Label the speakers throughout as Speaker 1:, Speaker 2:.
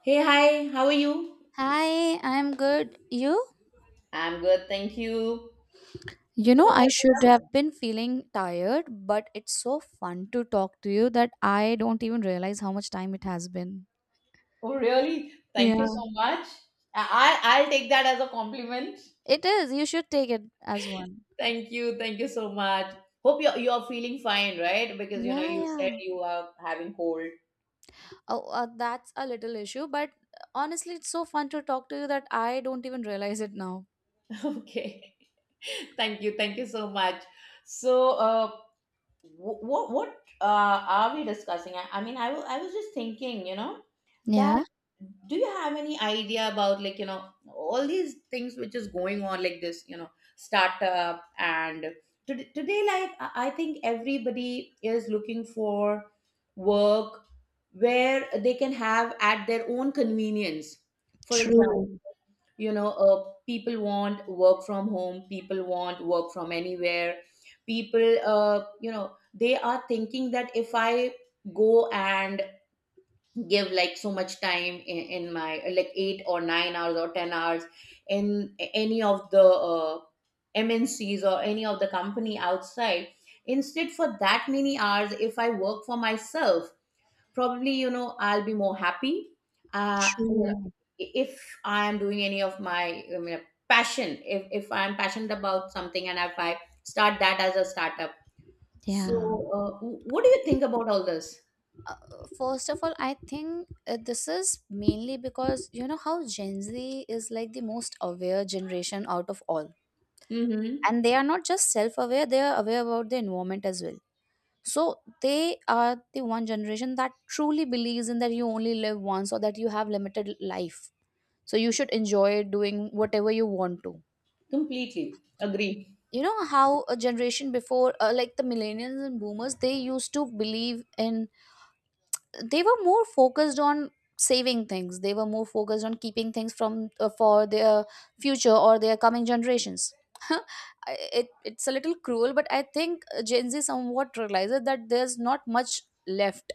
Speaker 1: Hey, hi, how are you?
Speaker 2: Hi, I'm good. You?
Speaker 1: I'm good, thank you.
Speaker 2: You know,
Speaker 1: So
Speaker 2: I
Speaker 1: what?
Speaker 2: should have been feeling tired, but it's so fun to talk to you that I don't even realize how much time it has been.
Speaker 1: Oh, really? Thank you
Speaker 2: Yeah.
Speaker 1: so much. I'll take that as a compliment.
Speaker 2: It is. You should take it as one.
Speaker 1: Thank you so much. Hope you're feeling fine, right? Because
Speaker 2: Yeah,
Speaker 1: you said
Speaker 2: yeah.
Speaker 1: you are having cold.
Speaker 2: Oh, that's a little issue, but honestly, it's so fun to talk to you that I don't even realize it now.
Speaker 1: Okay, thank you so much. So, what are we discussing? I mean, I was just thinking, that
Speaker 2: Yeah.
Speaker 1: do you have any idea about like all these things which is going on like this, startup and today like I think everybody is looking for work where they can have at their own convenience. For example
Speaker 2: True.
Speaker 1: people want work from home, people want work from anywhere, people, they are thinking that if I go and give like so much time in my like 8 or 9 hours or 10 hours in any of the mncs or any of the company outside, instead for that many hours if I work for myself, probably I'll be more happy, uh you know,
Speaker 2: True.
Speaker 1: if I am doing any of my, I mean, passion, if I'm passionate about something and if I start that as a startup, so
Speaker 2: Yeah.
Speaker 1: what do you think about all this?
Speaker 2: Uh, First of all, I think this is mainly because you know how Gen Z is like the most aware generation out of all.
Speaker 1: Mm-hmm.
Speaker 2: And they are not just self aware, they are aware about the environment as well. So they are the one generation that truly believes in that you only live once or that you have limited life. So you should enjoy doing whatever you want to.
Speaker 1: Completely agree.
Speaker 2: You know how a generation before, like the millennials and boomers, they used to believe in, they were more focused on saving things. They were more focused on keeping things from for their future or their coming generations. It's a little cruel, but I think Gen Z somewhat realizes that there's not much left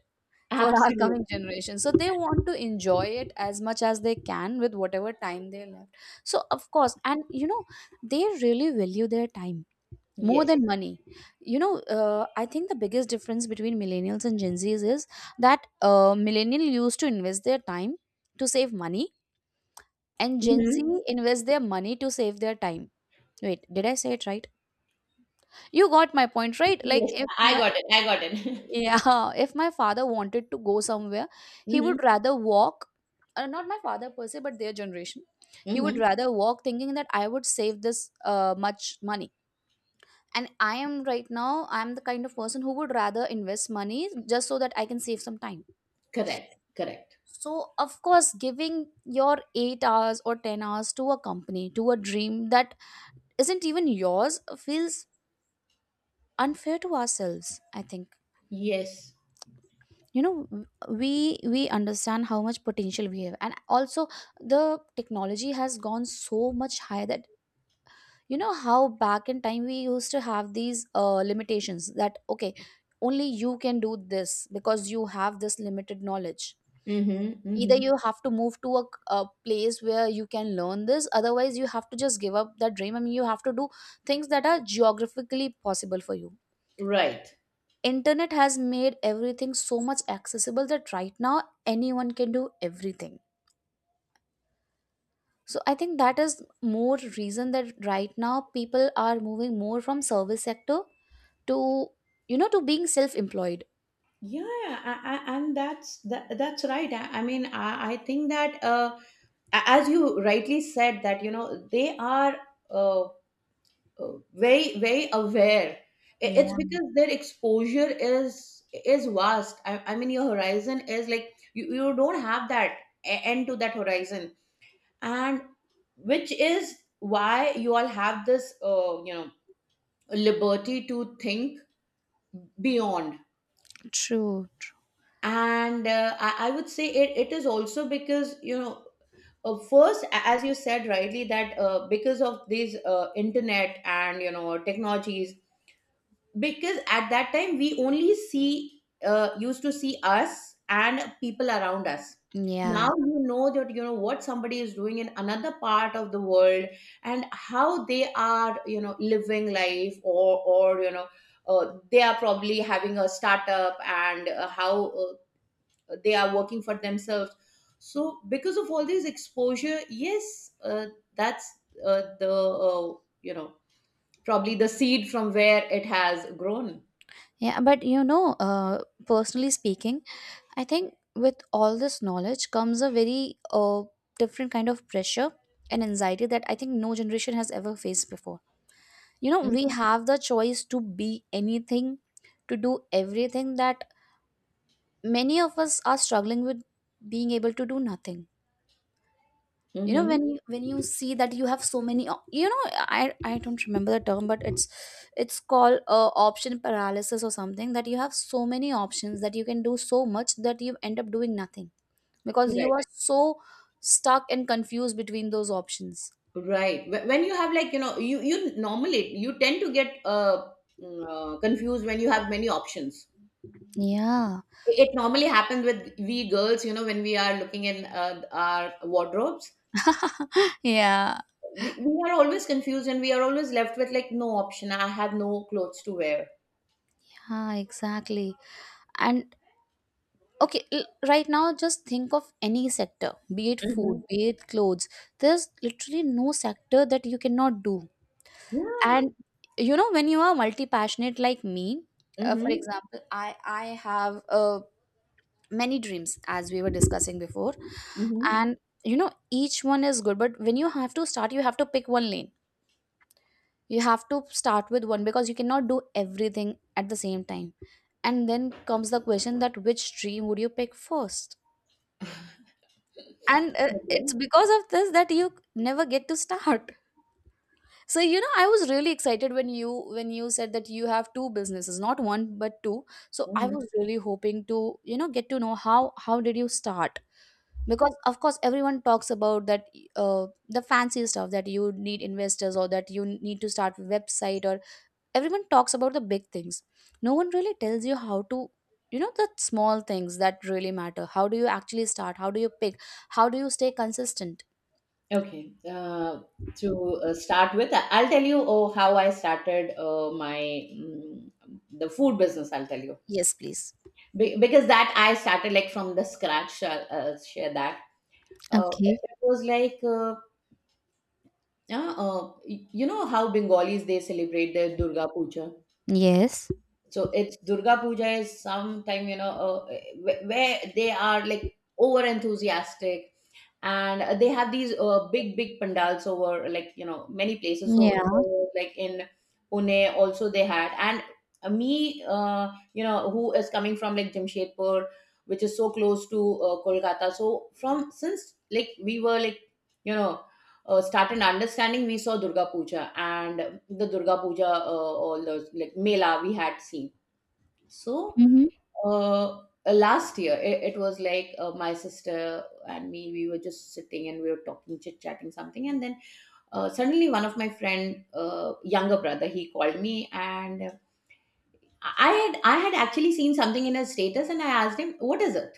Speaker 2: for our coming
Speaker 1: Absolutely.
Speaker 2: generation, so they want to enjoy it as much as they can with whatever time they left. So of course, and you know, they really value their time more
Speaker 1: Yes.
Speaker 2: than money. You know, I think the biggest difference between millennials and Gen Zs is that millennial used to invest their time to save money, and Gen Z
Speaker 1: Mm-hmm.
Speaker 2: invest their money to save their time. Wait, did I say it right? You got my point, right? Like
Speaker 1: Yes,
Speaker 2: if
Speaker 1: I
Speaker 2: my,
Speaker 1: got it, I got it.
Speaker 2: yeah, if my father wanted to go somewhere, he
Speaker 1: Mm-hmm.
Speaker 2: would rather walk, not my father per se, but their generation. He would
Speaker 1: Mm-hmm.
Speaker 2: rather walk thinking that I would save this much money, and I am right now I'm the kind of person who would rather invest money just so that I can save some time.
Speaker 1: Correct, correct.
Speaker 2: So of course, giving your 8 hours or 10 hours to a company, to a dream that isn't even yours, feels unfair to ourselves, I think.
Speaker 1: Yes.
Speaker 2: You know, we understand how much potential we have, and also the technology has gone so much higher that, you know, how back in time we used to have these limitations that, okay, only you can do this because you have this limited knowledge.
Speaker 1: Mm-hmm.
Speaker 2: Either
Speaker 1: Mm-hmm.
Speaker 2: you have to move to a place where you can learn this, otherwise you have to just give up that dream. I mean, you have to do things that are geographically possible for you.
Speaker 1: Right.
Speaker 2: Internet has made everything so much accessible that right now anyone can do everything. So I think that is more reason that right now people are moving more from service sector to, you know, to being self-employed.
Speaker 1: Yeah, and that's right. I mean, I think that as you rightly said that they are uh, very very aware.
Speaker 2: Yeah,
Speaker 1: It's because their exposure is vast. I mean, your horizon is like you don't have that end to that horizon, and which is why you all have this liberty to think beyond.
Speaker 2: true. True.
Speaker 1: And I would say it is also because first as you said rightly that because of these internet and technologies, because at that time we only see used to see us and people around us. Now
Speaker 2: Yeah,
Speaker 1: you know that you know what somebody is doing in another part of the world, and how they are living life, or they are probably having a startup, and how they are working for themselves. So because of all this exposure, yes, that's the uh, you know probably the seed from where it has grown.
Speaker 2: yeah, but you know, personally speaking, I think with all this knowledge comes a very different kind of pressure and anxiety that I think no generation has ever faced before. You know, we
Speaker 1: Hmm.
Speaker 2: have the choice to be anything, to do everything, that many of us are struggling with being able to do nothing. You know,
Speaker 1: Hmm.
Speaker 2: when you see that you have so many you know, I don't remember the term, but it's called option paralysis or something, that you have so many options that you can do so much that you end up doing nothing because you
Speaker 1: Correct.
Speaker 2: are so stuck and confused between those options.
Speaker 1: Right. When you have like you normally you tend to get confused when you have many options.
Speaker 2: Yeah.
Speaker 1: It normally happens with we girls, when we are looking in our wardrobes.
Speaker 2: Yeah.
Speaker 1: We are always confused and we are always left with like no option. I have no clothes to wear.
Speaker 2: Ah, exactly. And okay, right now just think of any sector, be it food,
Speaker 1: Mhm.
Speaker 2: be it clothes, there's literally no sector that you cannot do.
Speaker 1: Yeah.
Speaker 2: And you know, when you are multi passionate like me, for
Speaker 1: Mhm.
Speaker 2: example, I have many dreams, as we were discussing before.
Speaker 1: Mhm.
Speaker 2: And you know, each one is good, but when you have to start, you have to pick one lane. You have to start with one because you cannot do everything at the same time. And then comes the question that which dream would you pick first. And it's
Speaker 1: Okay.
Speaker 2: because of this that you never get to start. So you know, I was really excited when you said that you have two businesses, not one but two. So I
Speaker 1: Mhm.
Speaker 2: was really hoping to, you know, get to know how did you start, because of course everyone talks about that, the fancy stuff that you need investors or that you need to start website, or everyone talks about the big things. No one really tells you how to, you know, the small things that really matter. How do you actually start? How do you pick? How do you stay consistent?
Speaker 1: Okay. To start with, I'll tell you, oh, how I started the food business. I'll tell you.
Speaker 2: Yes, please.
Speaker 1: Because that I started like from the scratch. I'll share that.
Speaker 2: Okay.
Speaker 1: It was like you know how Bengalis they celebrate their Durga Puja.
Speaker 2: Yes.
Speaker 1: So it's Durga Puja is sometime where they are like over enthusiastic, and they have these big big pandals over like many places, so
Speaker 2: Yeah.
Speaker 1: like in Pune also they had. And me, who is coming from like Jamshedpur, which is so close to Kolkata, so from since like we were like you know started understanding, we saw Durga Puja, and the durga puja all those like mela we had seen, so last year, it was like my sister and me, we were just sitting and we were talking, chit chatting something. And then suddenly, one of my friend, younger brother, he called me. And I had actually seen something in his status and I asked him, "What is it?"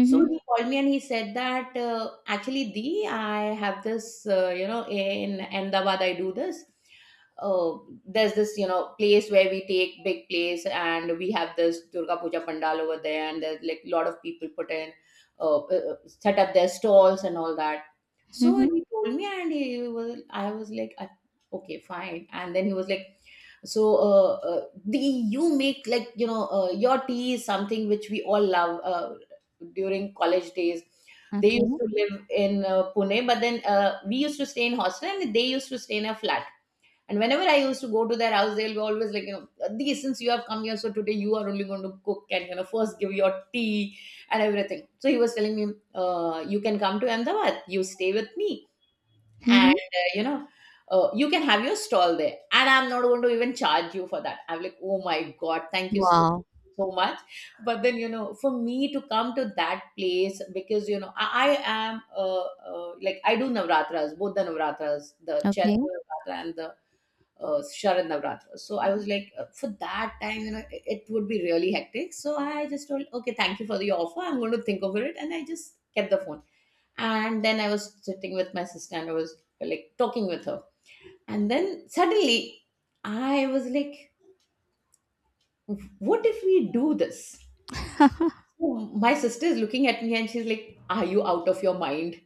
Speaker 1: So he called me and he said that, "Actually, Dee, I have this, in Ahmedabad, I do this. Uh, there's this, place where we take big place and we have this Durga Puja Pandal over there, and there's like a lot of people put in, set up their stalls and all that." So
Speaker 2: mhm.
Speaker 1: he told me, and I was like, Okay, fine." And then he was like, "So the you make like your tea is something which we all love during college days." They used
Speaker 2: Okay.
Speaker 1: to live in Pune, but then we used to stay in hostel and they used to stay in a flat. And whenever I used to go to their house, they'll be always like, you know the "Since you have come here, so today you are only going to cook and first give your tea and everything." So he was telling me, "You can come to Ahmedabad, you stay with me and
Speaker 2: Mhm.
Speaker 1: you can have your stall there, and I'm not going to even charge you for that." I'm like, "Oh my god, thank you
Speaker 2: Wow.
Speaker 1: so much." But then you know for me to come to that place, because you know I am like I do navratras, both the navratras, the
Speaker 2: Okay.
Speaker 1: Chaitra Navratra and the Sharad Navratra. So I was
Speaker 2: Mhm.
Speaker 1: like, for that time, you know, it would be really hectic. So I just told, "Okay, thank you for the offer. I'm going to think over it." And I just kept the phone. And then I was sitting with my sister and I was like talking with her. And then suddenly I was like, what if we do this? So my sister is looking at me and she's like, "Are you out of your mind?"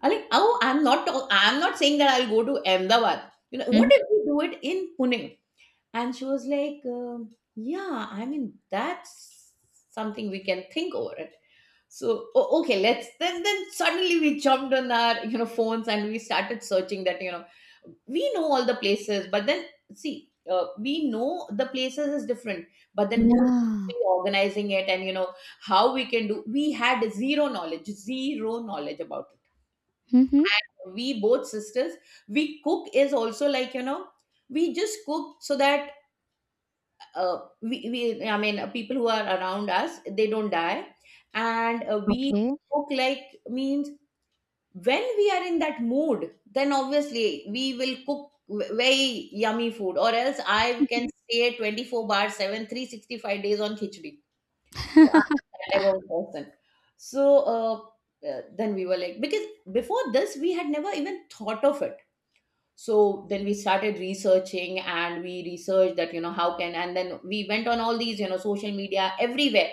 Speaker 1: I'm like, "Oh, I'm not saying that I'll go to Ahmedabad. You know, what
Speaker 2: Mhm.
Speaker 1: if we do it in Pune?" And she was like, "Yeah, I mean, that's something we can think over it." So, okay, let's then suddenly we jumped on our phones and we started searching that, you know, we know all the places, but then see, we know the places is different, but then who is
Speaker 2: Yeah.
Speaker 1: actually organizing it, and how we can do, we had zero knowledge, zero knowledge about it.
Speaker 2: Mhm.
Speaker 1: We both sisters, we cook is also like, we just cook so that we I mean people who are around us they don't die. And we
Speaker 2: Okay.
Speaker 1: cook like means, when we are in that mood then obviously we will cook very yummy food, or else I can stay 24 bar 7 365 days on khichdi, so I'm that type of person. So uh, then we were like, because before this we had never even thought of it, so then we started researching and we researched that, how can, and then we went on all these social media everywhere.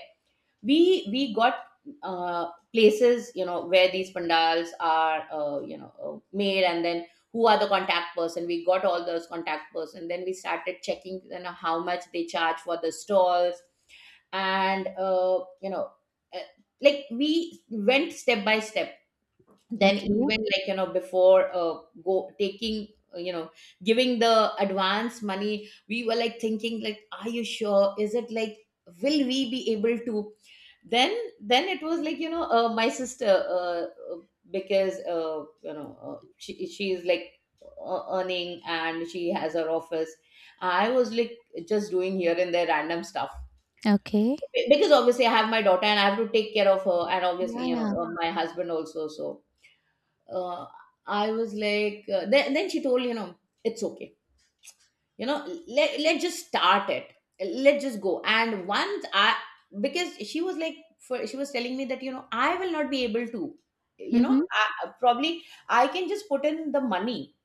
Speaker 1: We got uh, places, you know, where these pandals are made, and then who are the contact person, we got all those contact person, then we started checking how much they charge for the stalls. And uh, like we went step by step, then
Speaker 2: Okay.
Speaker 1: even like before go taking, uh, you know giving the advance money, we were like thinking like, "Are you sure, is it like, will we be able to?" Then it was like, my sister, uh, because she is like earning and she has her office. I was like just doing here and there random stuff,
Speaker 2: Okay.
Speaker 1: because obviously I have my daughter and I have to take care of her, and obviously
Speaker 2: Yeah, yeah.
Speaker 1: my husband also, so uh, I was like, then she told, you know, "It's okay. You know, let's just start it. Let's just go." And once I, because she was like, she was telling me that, you know, I will not be able to, you know,
Speaker 2: Mhm.
Speaker 1: probably I can just put in the money,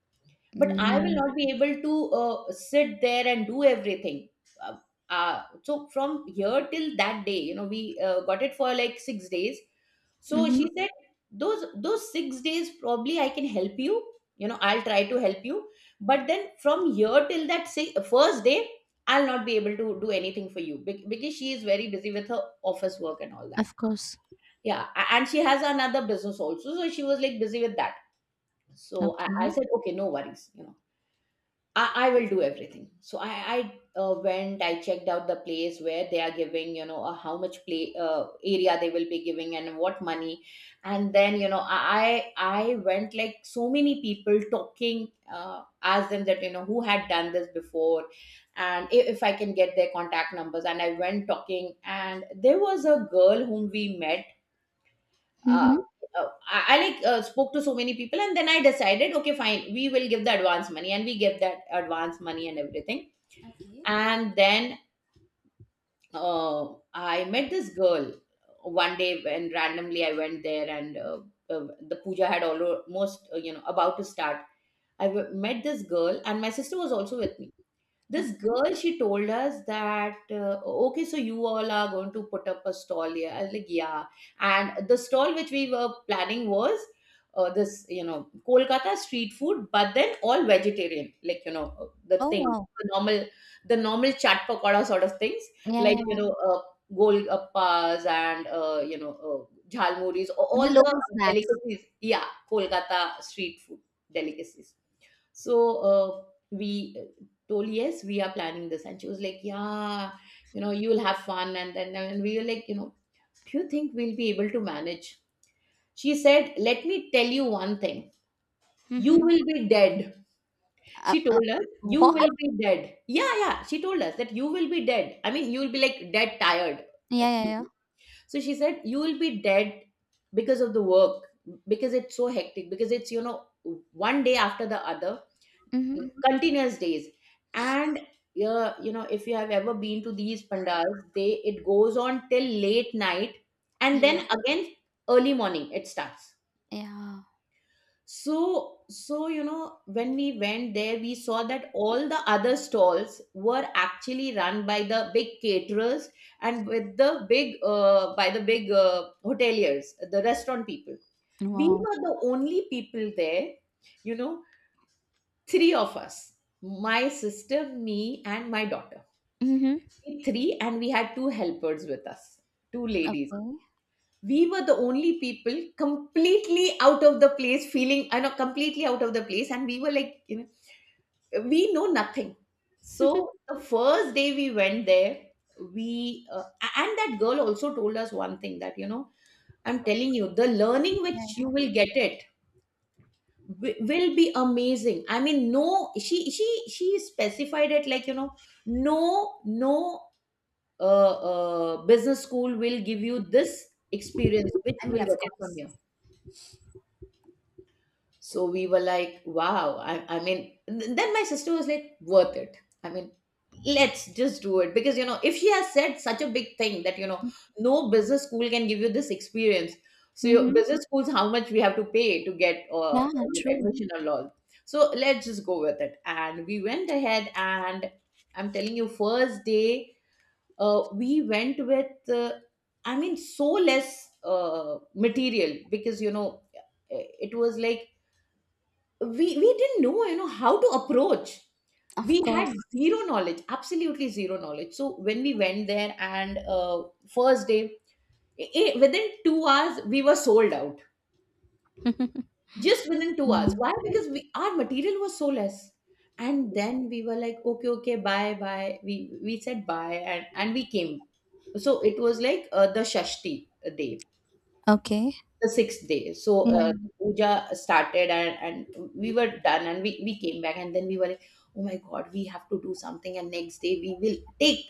Speaker 1: but I will
Speaker 2: Yeah.
Speaker 1: not be able to sit there and do everything. uh, so from here till that day, you know, we got it for like 6 days. So she
Speaker 2: Mhm.
Speaker 1: said those 6 days probably I can help you, you know, I'll try to help you. But then from here till that say, first day, I'll not be able to do anything for you because she is very busy with her office work and all that.
Speaker 2: Of course.
Speaker 1: Yeah, and she has another business also, so she was like busy with that. So I
Speaker 2: Okay.
Speaker 1: said, okay, no worries, you know, I will do everything. So I went, I checked out the place where they are giving, you know, how much play area they will be giving and what money. And then, you know, I went like so many people talking, asked them that, you know, who had done this before, and if I can get their contact numbers. And I went talking and there was a girl whom we met. uh,
Speaker 2: Mhm.
Speaker 1: I like spoke to so many people, and then I decided, okay, fine, we will give the advance money. And we give that advance money and everything.
Speaker 2: Okay.
Speaker 1: And then I met this girl one day when randomly I went there, and the puja had almost, you know, about to start. I met this girl, and my sister was also with me. This
Speaker 2: Okay.
Speaker 1: girl, she told us that, okay, so you all are going to put up a stall here. I was like, yeah. And the stall which we were planning was this, you know, Kolkata street food, but then all vegetarian, like, you know, the
Speaker 2: Oh,
Speaker 1: thing,
Speaker 2: wow.
Speaker 1: the normal the normal chat pakoda sort of things,
Speaker 2: Yeah, yeah,
Speaker 1: like, you
Speaker 2: yeah.
Speaker 1: know, golgappas, and jhalmuris,
Speaker 2: The
Speaker 1: all the
Speaker 2: local snacks.
Speaker 1: delicacies, yeah. Kolkata street food delicacies. So we told, yes, we are planning this, and she was like, yeah, you know, you'll have fun. And then and we were like, you know, do you think we'll be able to manage? She said, let me tell you one thing. You
Speaker 2: Mhm.
Speaker 1: will be dead.
Speaker 2: Uh,
Speaker 1: She
Speaker 2: uh,
Speaker 1: told us, you will
Speaker 2: what?
Speaker 1: be dead. Yeah, yeah. She told us that you will be dead. I mean, you will be like dead tired.
Speaker 2: Yeah, yeah, yeah.
Speaker 1: So she said, you will be dead because of the work, because it's so hectic, because it's, you know, one day after the other,
Speaker 2: Mhm.
Speaker 1: continuous days. And yeah, you know, if you have ever been to these pandals, they it goes on till late night, and then
Speaker 2: Yes.
Speaker 1: again early morning it starts.
Speaker 2: Yeah.
Speaker 1: So so you know, when we went there, we saw that all the other stalls were actually run by the big caterers, and with the big by the big hoteliers, the restaurant people. We
Speaker 2: Wow.
Speaker 1: were the only people there, you know, three of us, my sister, me, and my daughter.
Speaker 2: Mhm.
Speaker 1: We three, and we had two helpers with us, two ladies.
Speaker 2: Okay.
Speaker 1: We were the only people completely out of the place, feeling, I know, completely out of the place. And we were like, you know, we know nothing. So the first day we went there, and that girl also told us one thing that, you know, I'm telling you, the
Speaker 2: Yeah,
Speaker 1: learning which you
Speaker 2: yeah.
Speaker 1: will get it will be amazing. I mean, no, she specified it like, you know, no, no, business school will give you this experience which
Speaker 2: I
Speaker 1: you
Speaker 2: mean,
Speaker 1: will
Speaker 2: of
Speaker 1: get it from
Speaker 2: course.
Speaker 1: here. So we were like, wow. I mean, then my sister was like, worth it. I mean, let's just do it. Because, you know, if she has said such a big thing that, you know, no business school can give you this experience. So your
Speaker 2: Mhm.
Speaker 1: business schools, how much we have to pay to get
Speaker 2: Yeah,
Speaker 1: you know,
Speaker 2: true.
Speaker 1: admission and all. So let's just go with it. And we went ahead and I'm telling you, first day, we went with, I mean, so less material, because, you know, it was like we didn't know, you know, how to approach. We
Speaker 2: Of
Speaker 1: had
Speaker 2: course.
Speaker 1: zero knowledge, absolutely zero knowledge. So when we went there, and first day, within 2 hours we were sold out, just within 2 hours.
Speaker 2: Mm.
Speaker 1: Why? Because we, our material was so less. And then we were like, okay, okay, bye bye, we said bye, and we came. So it was like the shashti day,
Speaker 2: Okay.
Speaker 1: the sixth day. So
Speaker 2: Yeah.
Speaker 1: puja started, and we were done, and we came back. And then we were like, oh my God, we have to do something, and next day we will take.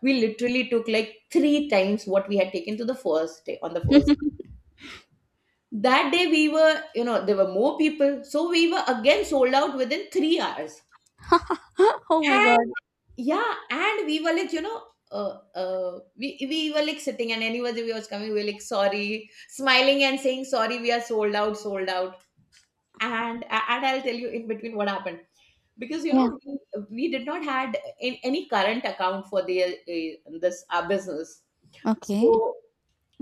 Speaker 1: We literally took like three times what we had taken to the first day on the first. That day we were, you know, there were more people. So we were again sold out within three hours.
Speaker 2: Oh my
Speaker 1: And
Speaker 2: god.
Speaker 1: yeah, and we were like, you know, we were like sitting, and anybody who was coming, we were like, sorry, smiling and saying, sorry, we are sold out, sold out. And I'll tell you in between what happened, because you
Speaker 2: Yeah.
Speaker 1: know, we did not had in any current account for the this our business.
Speaker 2: Okay.
Speaker 1: So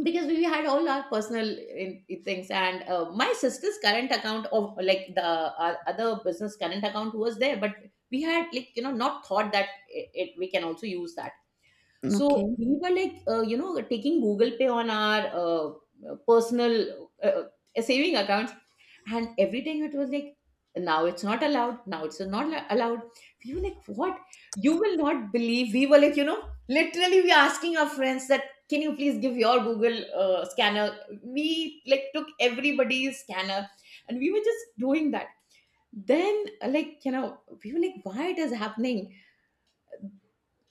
Speaker 1: because we had all our personal in things, and my sister's current account, of like the our other business current account was there, but we had like, you know, not thought that it we can also use that. So
Speaker 2: Okay.
Speaker 1: we were like, you know, taking Google Pay on our personal saving accounts, and every time it was like, now it's not allowed. Now it's not allowed. We were like, what? You will not believe. We were like, you know, literally, we asking our friends that, can you please give your Google scanner? We like took everybody's scanner, and we were just doing that. Then, like, you know, we were like, why it is happening?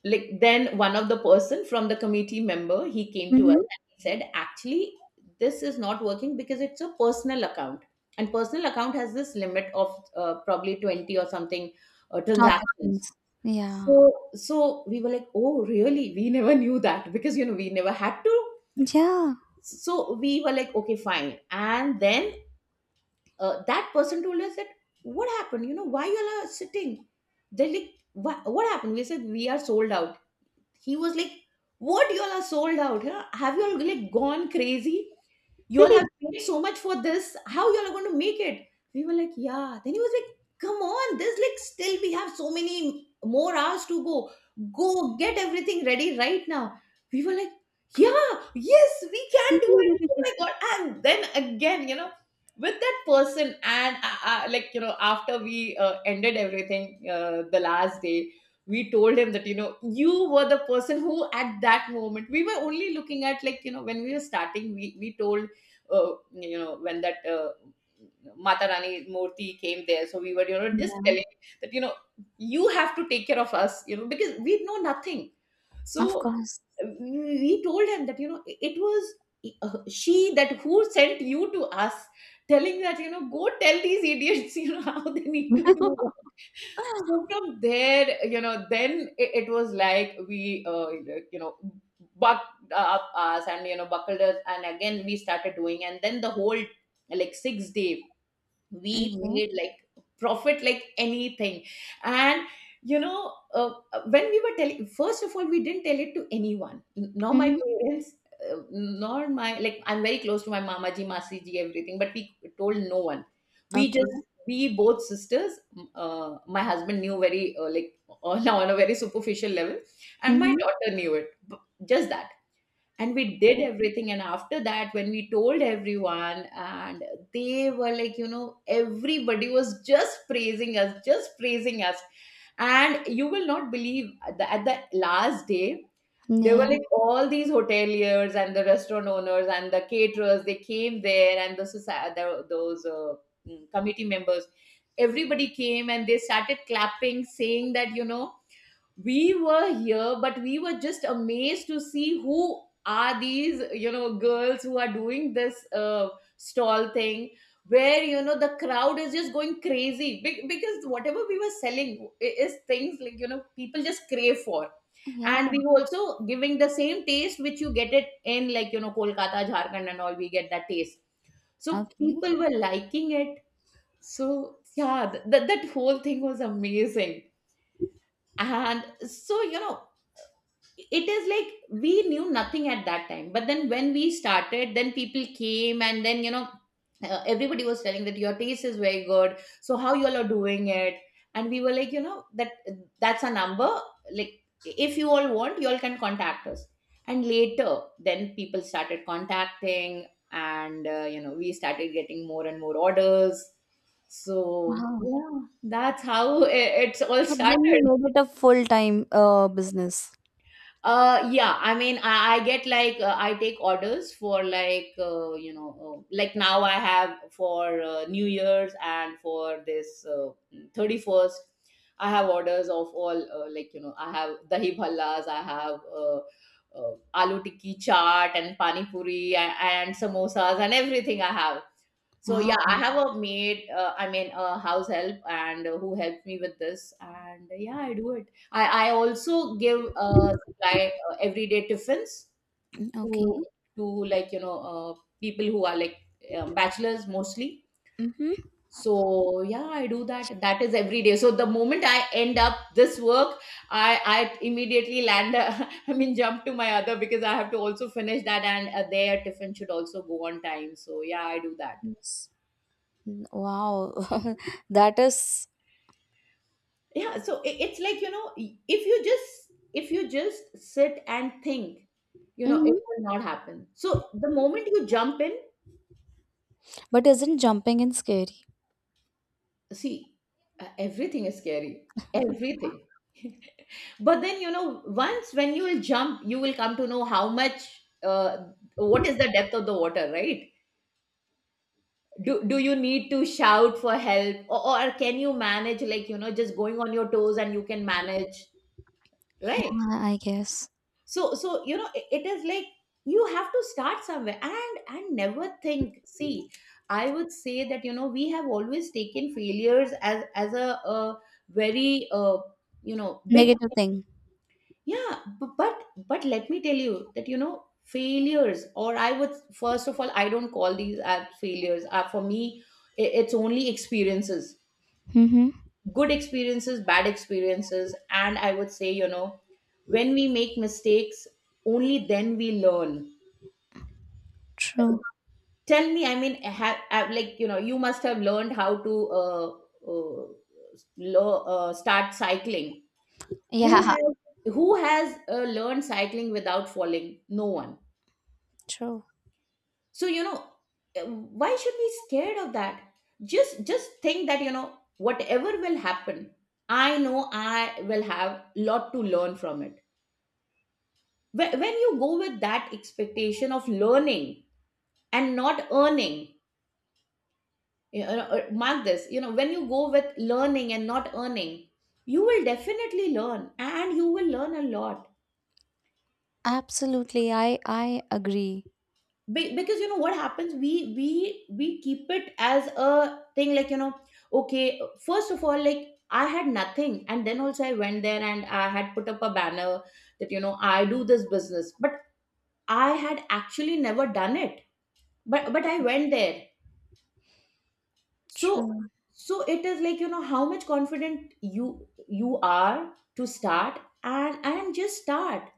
Speaker 1: Like, then one of the person from the committee member, he came to us
Speaker 2: Mm-hmm.
Speaker 1: and he said, actually, this is not working because it's a personal account, and personal account has this limit of probably 20 or something transactions.
Speaker 2: Transactions. Yeah.
Speaker 1: So so we were like, oh really, we never knew that, because you know, we never had to.
Speaker 2: Yeah.
Speaker 1: So we were like, okay, fine. And then that person told us that, what happened, you know, why you all are sitting? They're like, what happened? We said, we are sold out. He was like, what, y'all are sold out, huh? Have y'all like gone crazy? Y'all have paid so much for this, how y'all are going to make it? We were like, yeah. Then he was like, come on, there's like still we have so many more hours to go, go get everything ready right now. We were like, yeah, yes, we can do it, oh my God. And then again, you know, with that person, and like, you know, after we ended everything, the last day, we told him that, you know, you were the person who at that moment we were only looking at, like, you know, when we were starting, we told you know, when that Mata Rani Murthy came there, so we were, you know, just telling
Speaker 2: Yeah.
Speaker 1: that, you know, you have to take care of us, you know, because we know nothing.
Speaker 2: Of
Speaker 1: So
Speaker 2: course.
Speaker 1: we told him that, you know, it was she that who sent you to us, telling that, you know, go tell these idiots, you know, how they need to do work. So from there, you know, then it was like we, you know, bucked up us, and, you know, buckled us. And again, we started doing. And then the whole like 6 day we
Speaker 2: Okay.
Speaker 1: made like profit like anything. And when we were telling, first of all, we didn't tell it to anyone, nor my
Speaker 2: Mm-hmm.
Speaker 1: parents, nor my like, I'm very close to my mama ji, masi ji, everything, but we told no one. We
Speaker 2: Okay.
Speaker 1: just, we both sisters, my husband knew very like, now on a very superficial level, and my
Speaker 2: Mm-hmm.
Speaker 1: daughter knew it, just that. And we did everything, and after that when we told everyone, and they were like, you know, everybody was just praising us, just praising us. And you will not believe that at the last day there
Speaker 2: Yeah.
Speaker 1: were like all these hoteliers and the restaurant owners and the caterers, they came there, and the society, those uh, committee members, everybody came and they started clapping, saying that, you know, we were here, but we were just amazed to see who are these, you know, girls who are doing this stall thing where, you know, the crowd is just going crazy. Because whatever we were selling is things like, you know, people just crave for. And
Speaker 2: Yeah.
Speaker 1: we were also giving the same taste which you get it in, like, you know, Kolkata, Jharkhand and all, we get that taste, so
Speaker 2: Okay.
Speaker 1: people were liking it. So yeah, that that whole thing was amazing. And so, you know, it is like we knew nothing at that time, but then when we started, then people came, and then, you know, everybody was telling that your taste is very good, so how y'all are doing it. And we were like, you know, that, that's a number, like if you all want, y'all can contact us. And later then people started contacting, and you know, we started getting more and more orders. So
Speaker 2: Wow.
Speaker 1: yeah, that's how it's all
Speaker 2: So then you
Speaker 1: started.
Speaker 2: made it a full time business.
Speaker 1: Yeah, I mean, I get like, I take orders for like, you know, like now I have for New Year's, and for this 31st, I have orders of all, like, you know, I have dahi bhallas, I have aloo tikki chaat and pani puri, and samosas and everything I have. So yeah, I
Speaker 2: Wow.
Speaker 1: have a maid. I mean, a house help, and who helps me with this. And yeah, I do it. I also give supply everyday tiffins
Speaker 2: Okay.
Speaker 1: to to like, you know, people who are like bachelors mostly.
Speaker 2: Mm-hmm.
Speaker 1: So yeah, I do that. That is every day. So the moment I end up this work, I I immediately land. Uh, I mean, jump to my other, because I have to also finish that, and their tiffin should also go on time. So yeah, I do that.
Speaker 2: Yes. Wow. That is-
Speaker 1: Yeah, so it's like, you know, if you just, if you just sit and think, you know, it
Speaker 2: mm-hmm.
Speaker 1: will not happen. So the moment you jump in,
Speaker 2: But isn't jumping in scary?
Speaker 1: see, everything is scary, everything. But then, you know, once when you will jump, you will come to know how much, uh, what is the depth of the water, right? Do you need to shout for help, or can you manage, like, you know, just going on your toes and you can manage, right?
Speaker 2: Yeah, I guess.
Speaker 1: So so, you know, it is like you have to start somewhere, and never think. See, I would say that, you know, we have always taken failures as a very you know, big
Speaker 2: Negative
Speaker 1: thing.
Speaker 2: thing.
Speaker 1: Yeah, but let me tell you that, you know, failures, or I would, first of all, I don't call these as failures, for me it's only experiences,
Speaker 2: Mm-hmm.
Speaker 1: good experiences, bad experiences. And I would say, you know, when we make mistakes, only then we learn.
Speaker 2: True.
Speaker 1: Tell me, I mean, have, like, you know, you must have learned how to uh, start cycling. Who
Speaker 2: Yeah,
Speaker 1: has, who has learned cycling without falling? No one.
Speaker 2: true.
Speaker 1: So you know, why should we scared of that? Just think that, you know, whatever will happen, I know I will have lot to learn from it. When you go with that expectation of learning and not earning, you know, mark this, you know, when you go with learning and not earning, you will definitely learn, and you will learn a lot.
Speaker 2: Absolutely. I agree.
Speaker 1: Because you know what happens, we keep it as a thing like, you know, okay, first of all, like, I had nothing, and then also I went there and I had put up a banner that, you know, I do this business, but I had actually never done it. But I went there. So
Speaker 2: True.
Speaker 1: so it is like, you know, how much confident you are to start, and just start.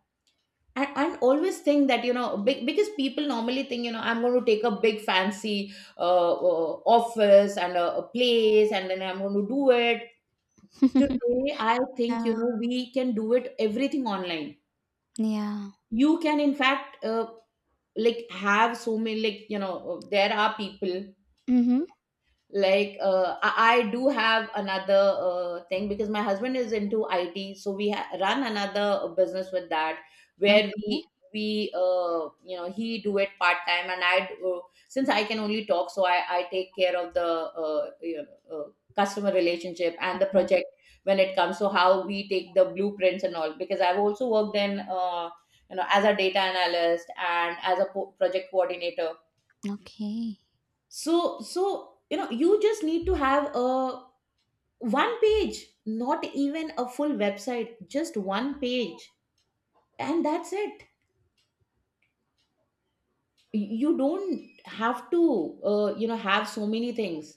Speaker 1: And always think that, you know, big, because people normally think, you know, I'm going to take a big fancy office and a place, and then I'm going to do it. Today I think, you
Speaker 2: Yeah.
Speaker 1: know, we can do it everything online.
Speaker 2: Yeah.
Speaker 1: You can, in fact, like, have so many, like, you know, there are people
Speaker 2: Mm-hmm.
Speaker 1: like, I do have another thing, because my husband is into IT, so we ha- run another business with that,
Speaker 2: Okay.
Speaker 1: where we you know, he do it part time, and I do- since I can only talk, so I take care of the, you know, customer relationship and
Speaker 2: Of
Speaker 1: the
Speaker 2: course.
Speaker 1: project, when it comes to how we take the blueprints and all, because I've also worked in. You know, as a data analyst, and as a project coordinator.
Speaker 2: Okay.
Speaker 1: So so, you know, you just need to have a one page, not even a full website, just one page, and that's it. You don't have to, you know, have so many things.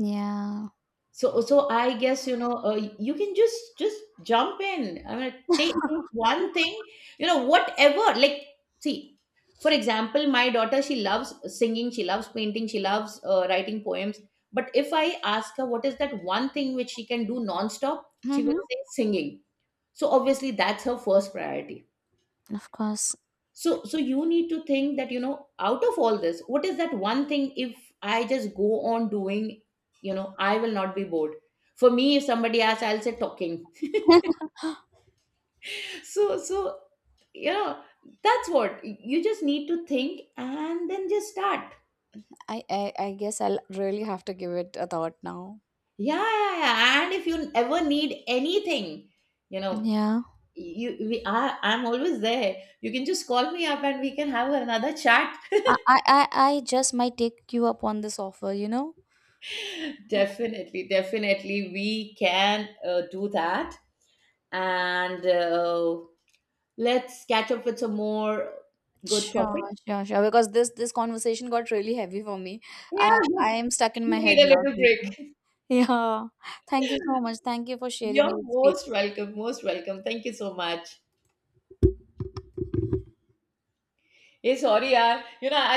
Speaker 2: Yeah.
Speaker 1: So, so I guess, you know, you can just jump in. I mean, take one thing, you know, whatever. Like, see, for example, my daughter, she loves singing, she loves painting, she loves writing poems. But if I ask her what is that one thing which she can do nonstop, she
Speaker 2: Mm-hmm.
Speaker 1: will say singing. So obviously, that's her first priority.
Speaker 2: Of course.
Speaker 1: So so you need to think that, you know, out of all this, what is that one thing, if I just go on doing, you know, I will not be bored. For me, if somebody asks, I'll say talking. So so, you know, that's what you just need to think, and then just start.
Speaker 2: I guess I'll really have to give it a thought now.
Speaker 1: Yeah, yeah, yeah. And if you ever need anything, you know,
Speaker 2: Yeah.
Speaker 1: you we, I, I'm always there, you can just call me up and we can have another chat.
Speaker 2: I, I, I I just might take you up on this offer, you know?
Speaker 1: Definitely, definitely, we can do that. And let's catch up with some more good
Speaker 2: Sure,
Speaker 1: topics.
Speaker 2: sure, sure. Because this conversation got really heavy for me.
Speaker 1: Yeah.
Speaker 2: I I am stuck in my
Speaker 1: We
Speaker 2: head
Speaker 1: need a
Speaker 2: now
Speaker 1: little
Speaker 2: thinking.
Speaker 1: break.
Speaker 2: Yeah. Thank you so much. Thank you for sharing
Speaker 1: You're
Speaker 2: your experience.
Speaker 1: most welcome, most welcome. Thank you so much. Hey, sorry, yaar. You know, I